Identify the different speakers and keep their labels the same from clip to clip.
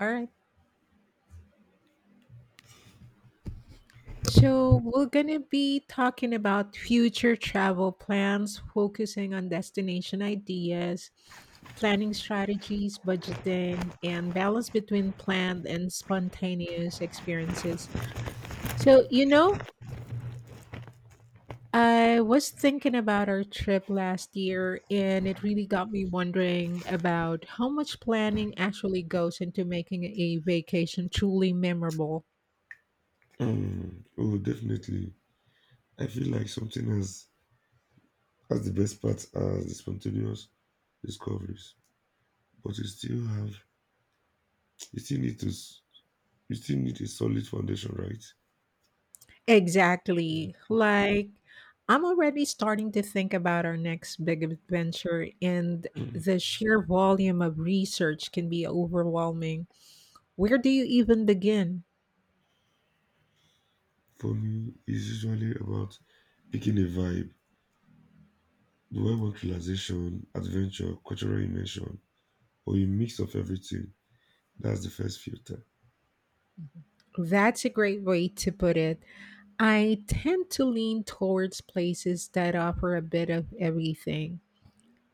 Speaker 1: All right. So we're gonna be talking about future travel plans, focusing on destination ideas, planning strategies, budgeting, and balance between planned and spontaneous experiences. So, you know, I was thinking about our trip last year, and it really got me wondering about how much planning actually goes into making a vacation truly memorable.
Speaker 2: Oh, Definitely. I feel like something has the best part as the spontaneous discoveries, but you still you still need a solid foundation, right?
Speaker 1: Exactly. Like, I'm already starting to think about our next big adventure, and
Speaker 2: Mhm.
Speaker 1: the sheer volume of research can be overwhelming. Where do you even begin?
Speaker 2: For me, it's usually about picking a vibe. Do I want relaxation, adventure, cultural immersion, or a mix of everything? That's the first filter.
Speaker 1: That's a great way to put it. I tend to lean towards places that offer a bit of everything,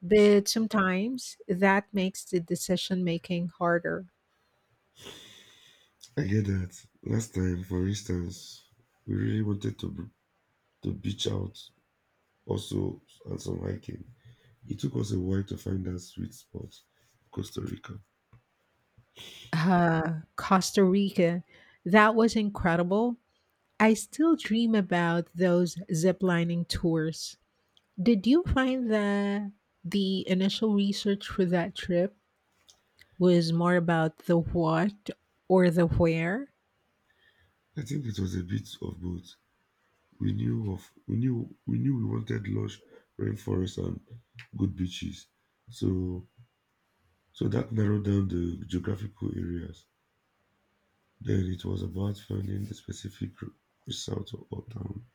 Speaker 1: but sometimes that makes the decision making harder.
Speaker 2: I get that. Last time, for instance, we really wanted to beach out, also and some hiking. It took us a while to find that sweet spot, Costa Rica.
Speaker 1: Costa Rica, that was incredible. I still dream about those ziplining tours. Did you find that the initial research for that trip was more about the what or the where?
Speaker 2: I think it was a bit of both. We knew we wanted lush rainforests and good beaches. So so that narrowed down the geographical areas. Then it was about finding the resort or town.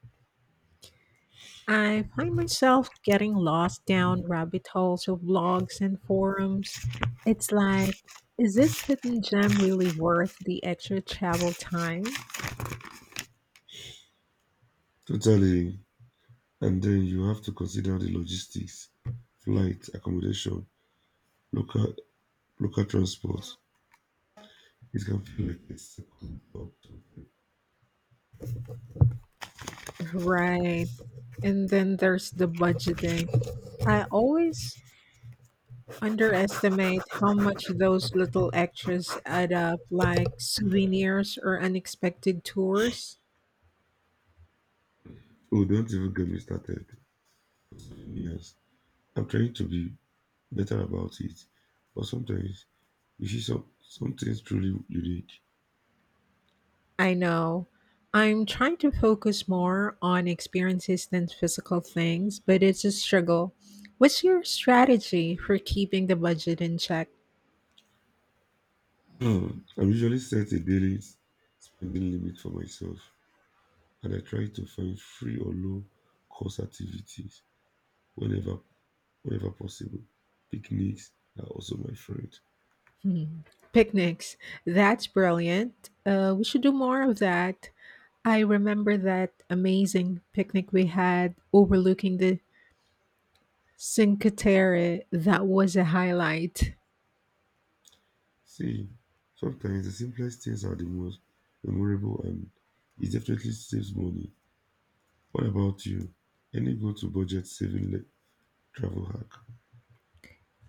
Speaker 1: I find myself getting lost down rabbit holes of blogs and forums. It's like, is this hidden gem really worth the extra travel time?
Speaker 2: Totally. And then you have to consider the logistics, flight, accommodation, local local transport. It can feel like a second or something.
Speaker 1: Right. And then there's the budgeting. I always underestimate how much those little extras add up, like souvenirs or unexpected tours.
Speaker 2: Oh, don't even get me started. Yes, I'm trying to be better about it, but sometimes something's truly unique.
Speaker 1: I know. I'm trying to focus more on experiences than physical things, but it's a struggle. What's your strategy for keeping the budget in check?
Speaker 2: I usually set a spending limit for myself, and I try to find free or low cost activities whenever whenever possible. Picnics are also my friend.
Speaker 1: Hmm. Picnics. That's brilliant. We should do more of that. I remember that amazing picnic we had overlooking the Cinque Terre. That was a highlight.
Speaker 2: See, sometimes the simplest things are the most memorable, and it definitely saves money. What about you? Any travel hack?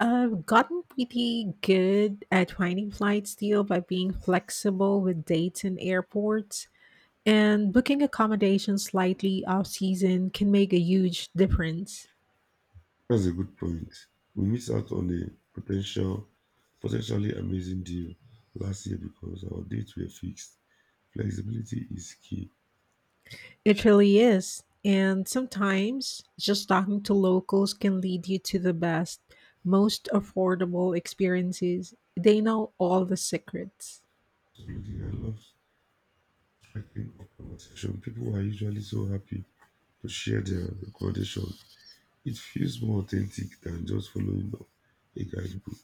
Speaker 1: I've gotten pretty good at finding flights deal by being flexible with dates and airports, and booking accommodation slightly off season can make a huge difference.
Speaker 2: That's a good point. We missed out on a potentially amazing deal last year because our dates were fixed. Flexibility is key.
Speaker 1: It really is. And sometimes just talking to locals can lead you to the best, most affordable experiences. They know all the secrets.
Speaker 2: Absolutely, I love striking up conversation. People are usually so happy to share their recommendation. It feels more authentic than just following a guidebook.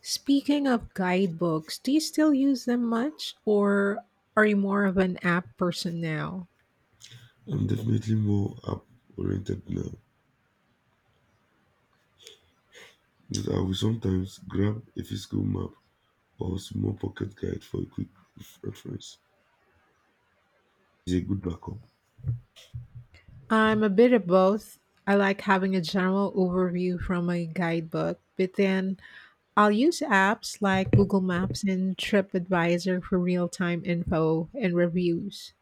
Speaker 1: Speaking of guidebooks, do you still use them much or are you more of an app person now?
Speaker 2: I'm definitely more app-oriented now. But I will sometimes grab a physical map or small pocket guide for a quick reference. It's a good backup.
Speaker 1: I'm a bit of both. I like having a general overview from a guidebook, but then I'll use apps like Google Maps and TripAdvisor for real time info and reviews.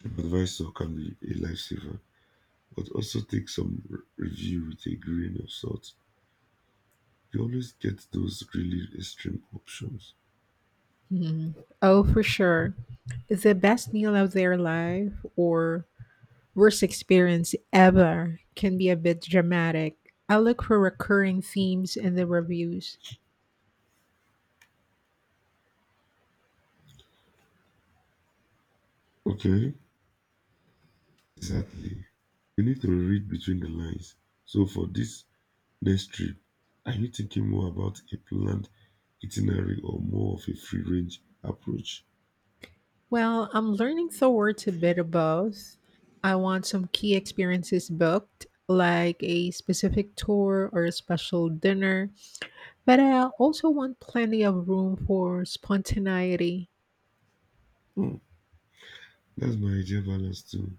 Speaker 2: TripAdvisor can be a lifesaver, but also take review with a grain of salt. You always get those really extreme options.
Speaker 1: Mhm. Oh, for sure. The best meal of their life or worst experience ever can be a bit dramatic. I look for recurring themes in the reviews.
Speaker 2: Okay, exactly. You need to read between the lines. So for this next trip, are you thinking more about a planned itinerary or more of a free range approach?
Speaker 1: Well, I'm learning towards a bit of both. I want some key experiences booked, like a specific tour or a special dinner, but I also want plenty of room for spontaneity.
Speaker 2: Hmm, That's my ideal balance too.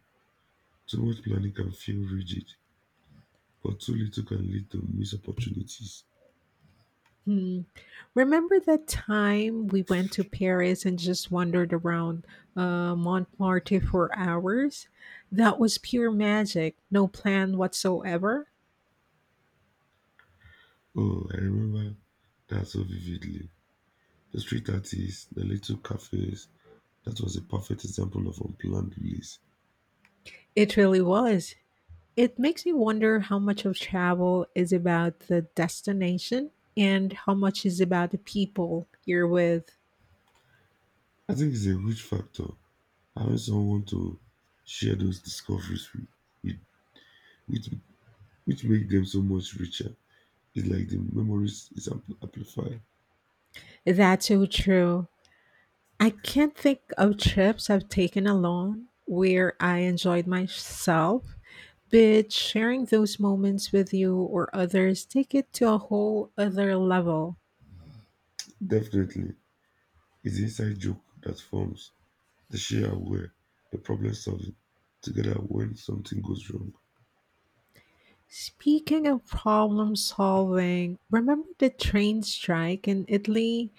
Speaker 2: Too much planning can feel rigid, but too little can lead to missed opportunities.
Speaker 1: Hmm, remember that time we went to Paris and just wandered around Montmartre for hours? That was pure magic, no plan whatsoever.
Speaker 2: Oh, I remember that so vividly. The street artists, the little cafes, that was a perfect example of unplanned release.
Speaker 1: It really was. It makes me wonder how much of travel is about the destination and how much is about the people you're with.
Speaker 2: I think it's a huge factor having someone to share those discoveries with, which, which make them so much richer. It's like the memories is amplified.
Speaker 1: That's so true. I can't think of trips I've taken alone where I enjoyed myself, but sharing those moments with you or others take it to a whole other level.
Speaker 2: Definitely, it's the inside joke that forms, the sheer aware, the problem solving together when something goes wrong.
Speaker 1: Speaking of problem solving, remember the train strike in Italy?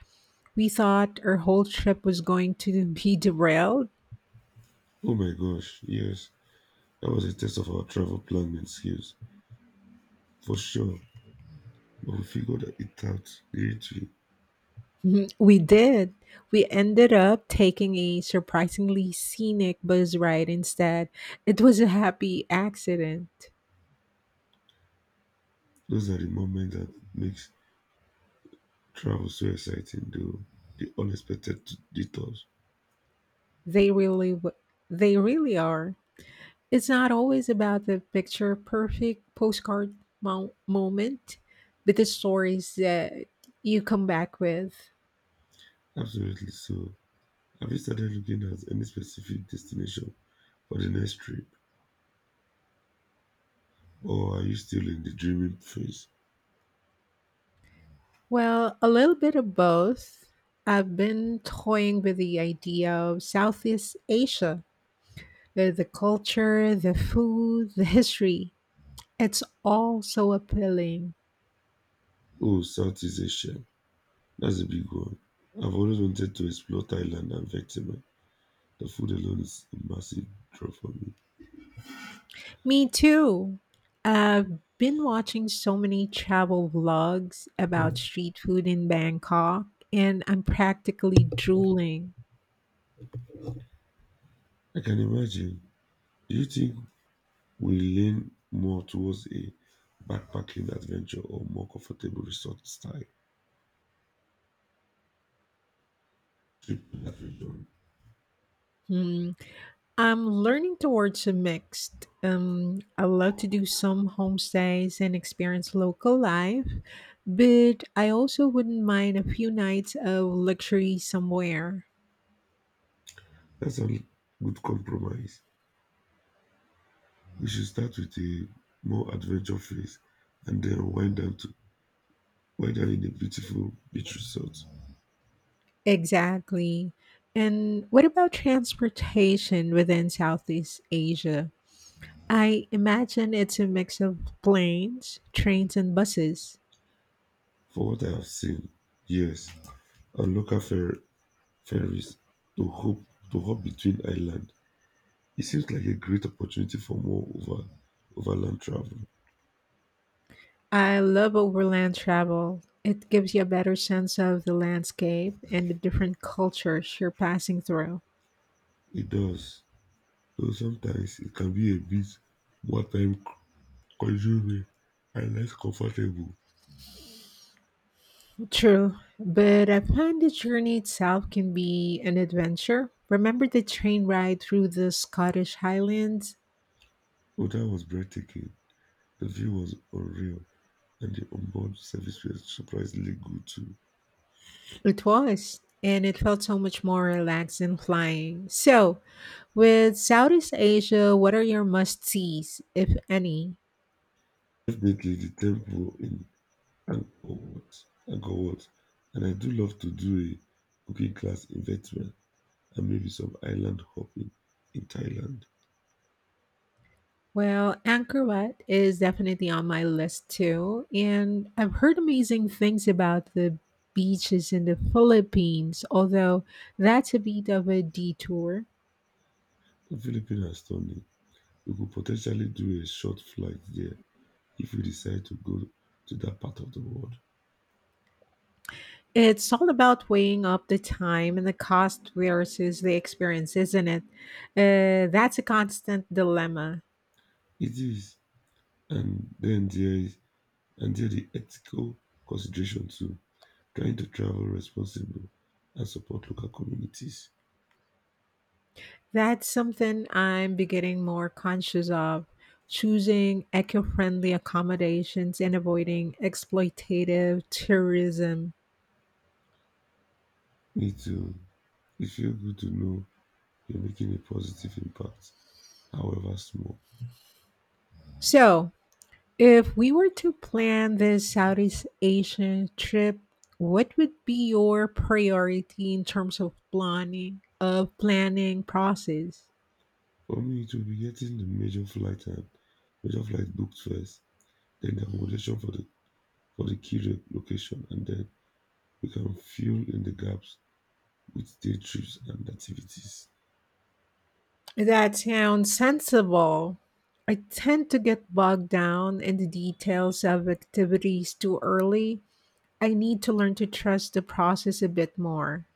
Speaker 1: We thought our whole trip was going to be derailed.
Speaker 2: Oh my gosh, yes. That was a test of our travel planning skills, for sure. But we figured it out literally.
Speaker 1: Mhm, we did. We ended up taking a surprisingly scenic bus ride instead. It was a happy accident.
Speaker 2: Those are the moments that makes travel so exciting, though. The unexpected detours.
Speaker 1: They really w- they really are. It's not always about the picture perfect postcard moment, but the stories that you come back with.
Speaker 2: Absolutely so. Have you started looking at any specific destination for the next trip? Or are you still in the dreaming phase?
Speaker 1: Well, a little bit of both. I've been toying with the idea of Southeast Asia, the culture, the food, the history. It's all so appealing.
Speaker 2: Oh, Southeast Asia. That's a big one. I've always wanted to explore Thailand and Vietnam. The food alone is a massive draw for me.
Speaker 1: Me too. I've been watching so many travel vlogs about street food in Bangkok, and I'm practically drooling.
Speaker 2: I can imagine. Do you think we lean more towards a backpacking adventure or more comfortable resort style trip to that region?
Speaker 1: Hmm. I'm learning towards a mixed. I love to do some homestays and experience local life, but I also wouldn't mind a few nights of luxury somewhere.
Speaker 2: That's a good compromise. We should start with a more adventure phase and then wind down in a beautiful beach resort.
Speaker 1: Exactly. And what about transportation within Southeast Asia? I imagine it's a mix of planes, trains, and buses.
Speaker 2: For what I have seen, yes, and ferries to hop to hop between island. It seems like a great opportunity for more over overland travel.
Speaker 1: I love overland travel. It gives you a better sense of the landscape and the different cultures you're passing through.
Speaker 2: It does. So sometimes it can be a bit more time consuming and less comfortable.
Speaker 1: True, but I find the journey itself can be an adventure. Remember the train ride through the Scottish Highlands?
Speaker 2: But that was breathtaking. The view was unreal and the onboard service was surprisingly good too.
Speaker 1: It was, and it felt so much more relaxed than flying. So, with Southeast Asia, what are your must sees, if any?
Speaker 2: Definitely the temple in Angkor Wat, Angkor Wat. And I do love to do a cooking class in Vietnam and maybe some island hopping in Thailand.
Speaker 1: Well, Angkor Wat is definitely on my list too, and I've heard amazing things about the beaches in the Philippines, although that's a bit of a detour.
Speaker 2: The Philippines are stunning. We could potentially do a short flight there if we decide to go to that part of the world.
Speaker 1: It's all about weighing up the time and the cost versus the experience, isn't it? That's a constant dilemma.
Speaker 2: It is. And then there is and there the ethical consideration too. Trying to travel responsible and support local communities.
Speaker 1: That's something I'm beginning more conscious of, choosing eco-friendly accommodations and avoiding exploitative tourism.
Speaker 2: Me too. It feels good to know you're making a positive impact, however small.
Speaker 1: So, if we were to plan this Southeast Asian trip, what would be your priority in terms of planning process?
Speaker 2: For me, it will be getting the major flight booked first, then the accommodation for the key location, and then we can fill in the gaps with day trips and activities.
Speaker 1: That sounds sensible. I tend to get bogged down in the details of activities too early. I need to learn to trust the process a bit more.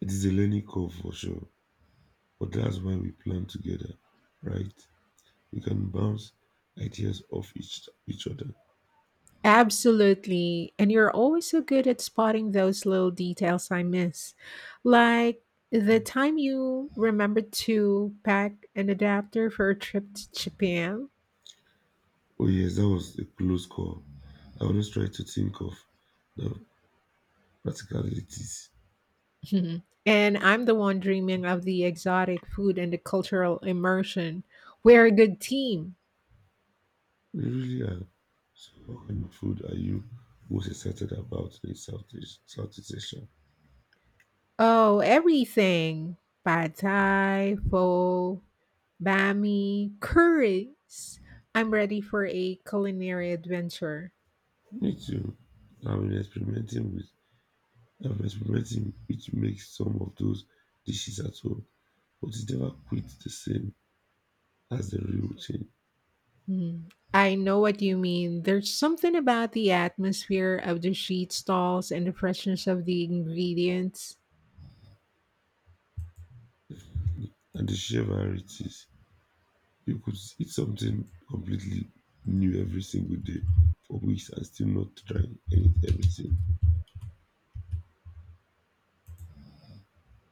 Speaker 2: It is a learning curve for sure. But that's when we plan together, right? We can bounce ideas off each other.
Speaker 1: Absolutely. And you're always so good at spotting those little details I miss. Like the time you remembered to pack an adapter for a trip to Japan.
Speaker 2: Oh yes, that was a close call. I always try to think of the practicalities.
Speaker 1: And I'm the one dreaming of the exotic food and the cultural immersion. We're a good team.
Speaker 2: We really are. So what kind of food are you most excited about in Southeast Asia?
Speaker 1: Oh, everything. Pad Thai, pho, bami, curries. I'm ready for a culinary adventure.
Speaker 2: Me too. I've been experimenting with I've been experimenting which makes some of those dishes at home, but it never quite the same as the real thing.
Speaker 1: Mm, I know what you mean. There's something about the atmosphere of the street stalls and the freshness of the ingredients.
Speaker 2: And the sheer varieties. You could eat something completely new every single day for weeks and still not try everything.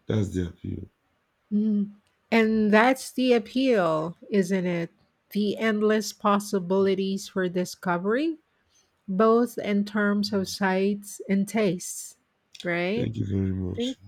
Speaker 2: That's the appeal.
Speaker 1: Mm, and that's the appeal, isn't it? The endless possibilities for discovery, both in terms of sights and tastes, right?
Speaker 2: Thank you very
Speaker 1: Thank
Speaker 2: much.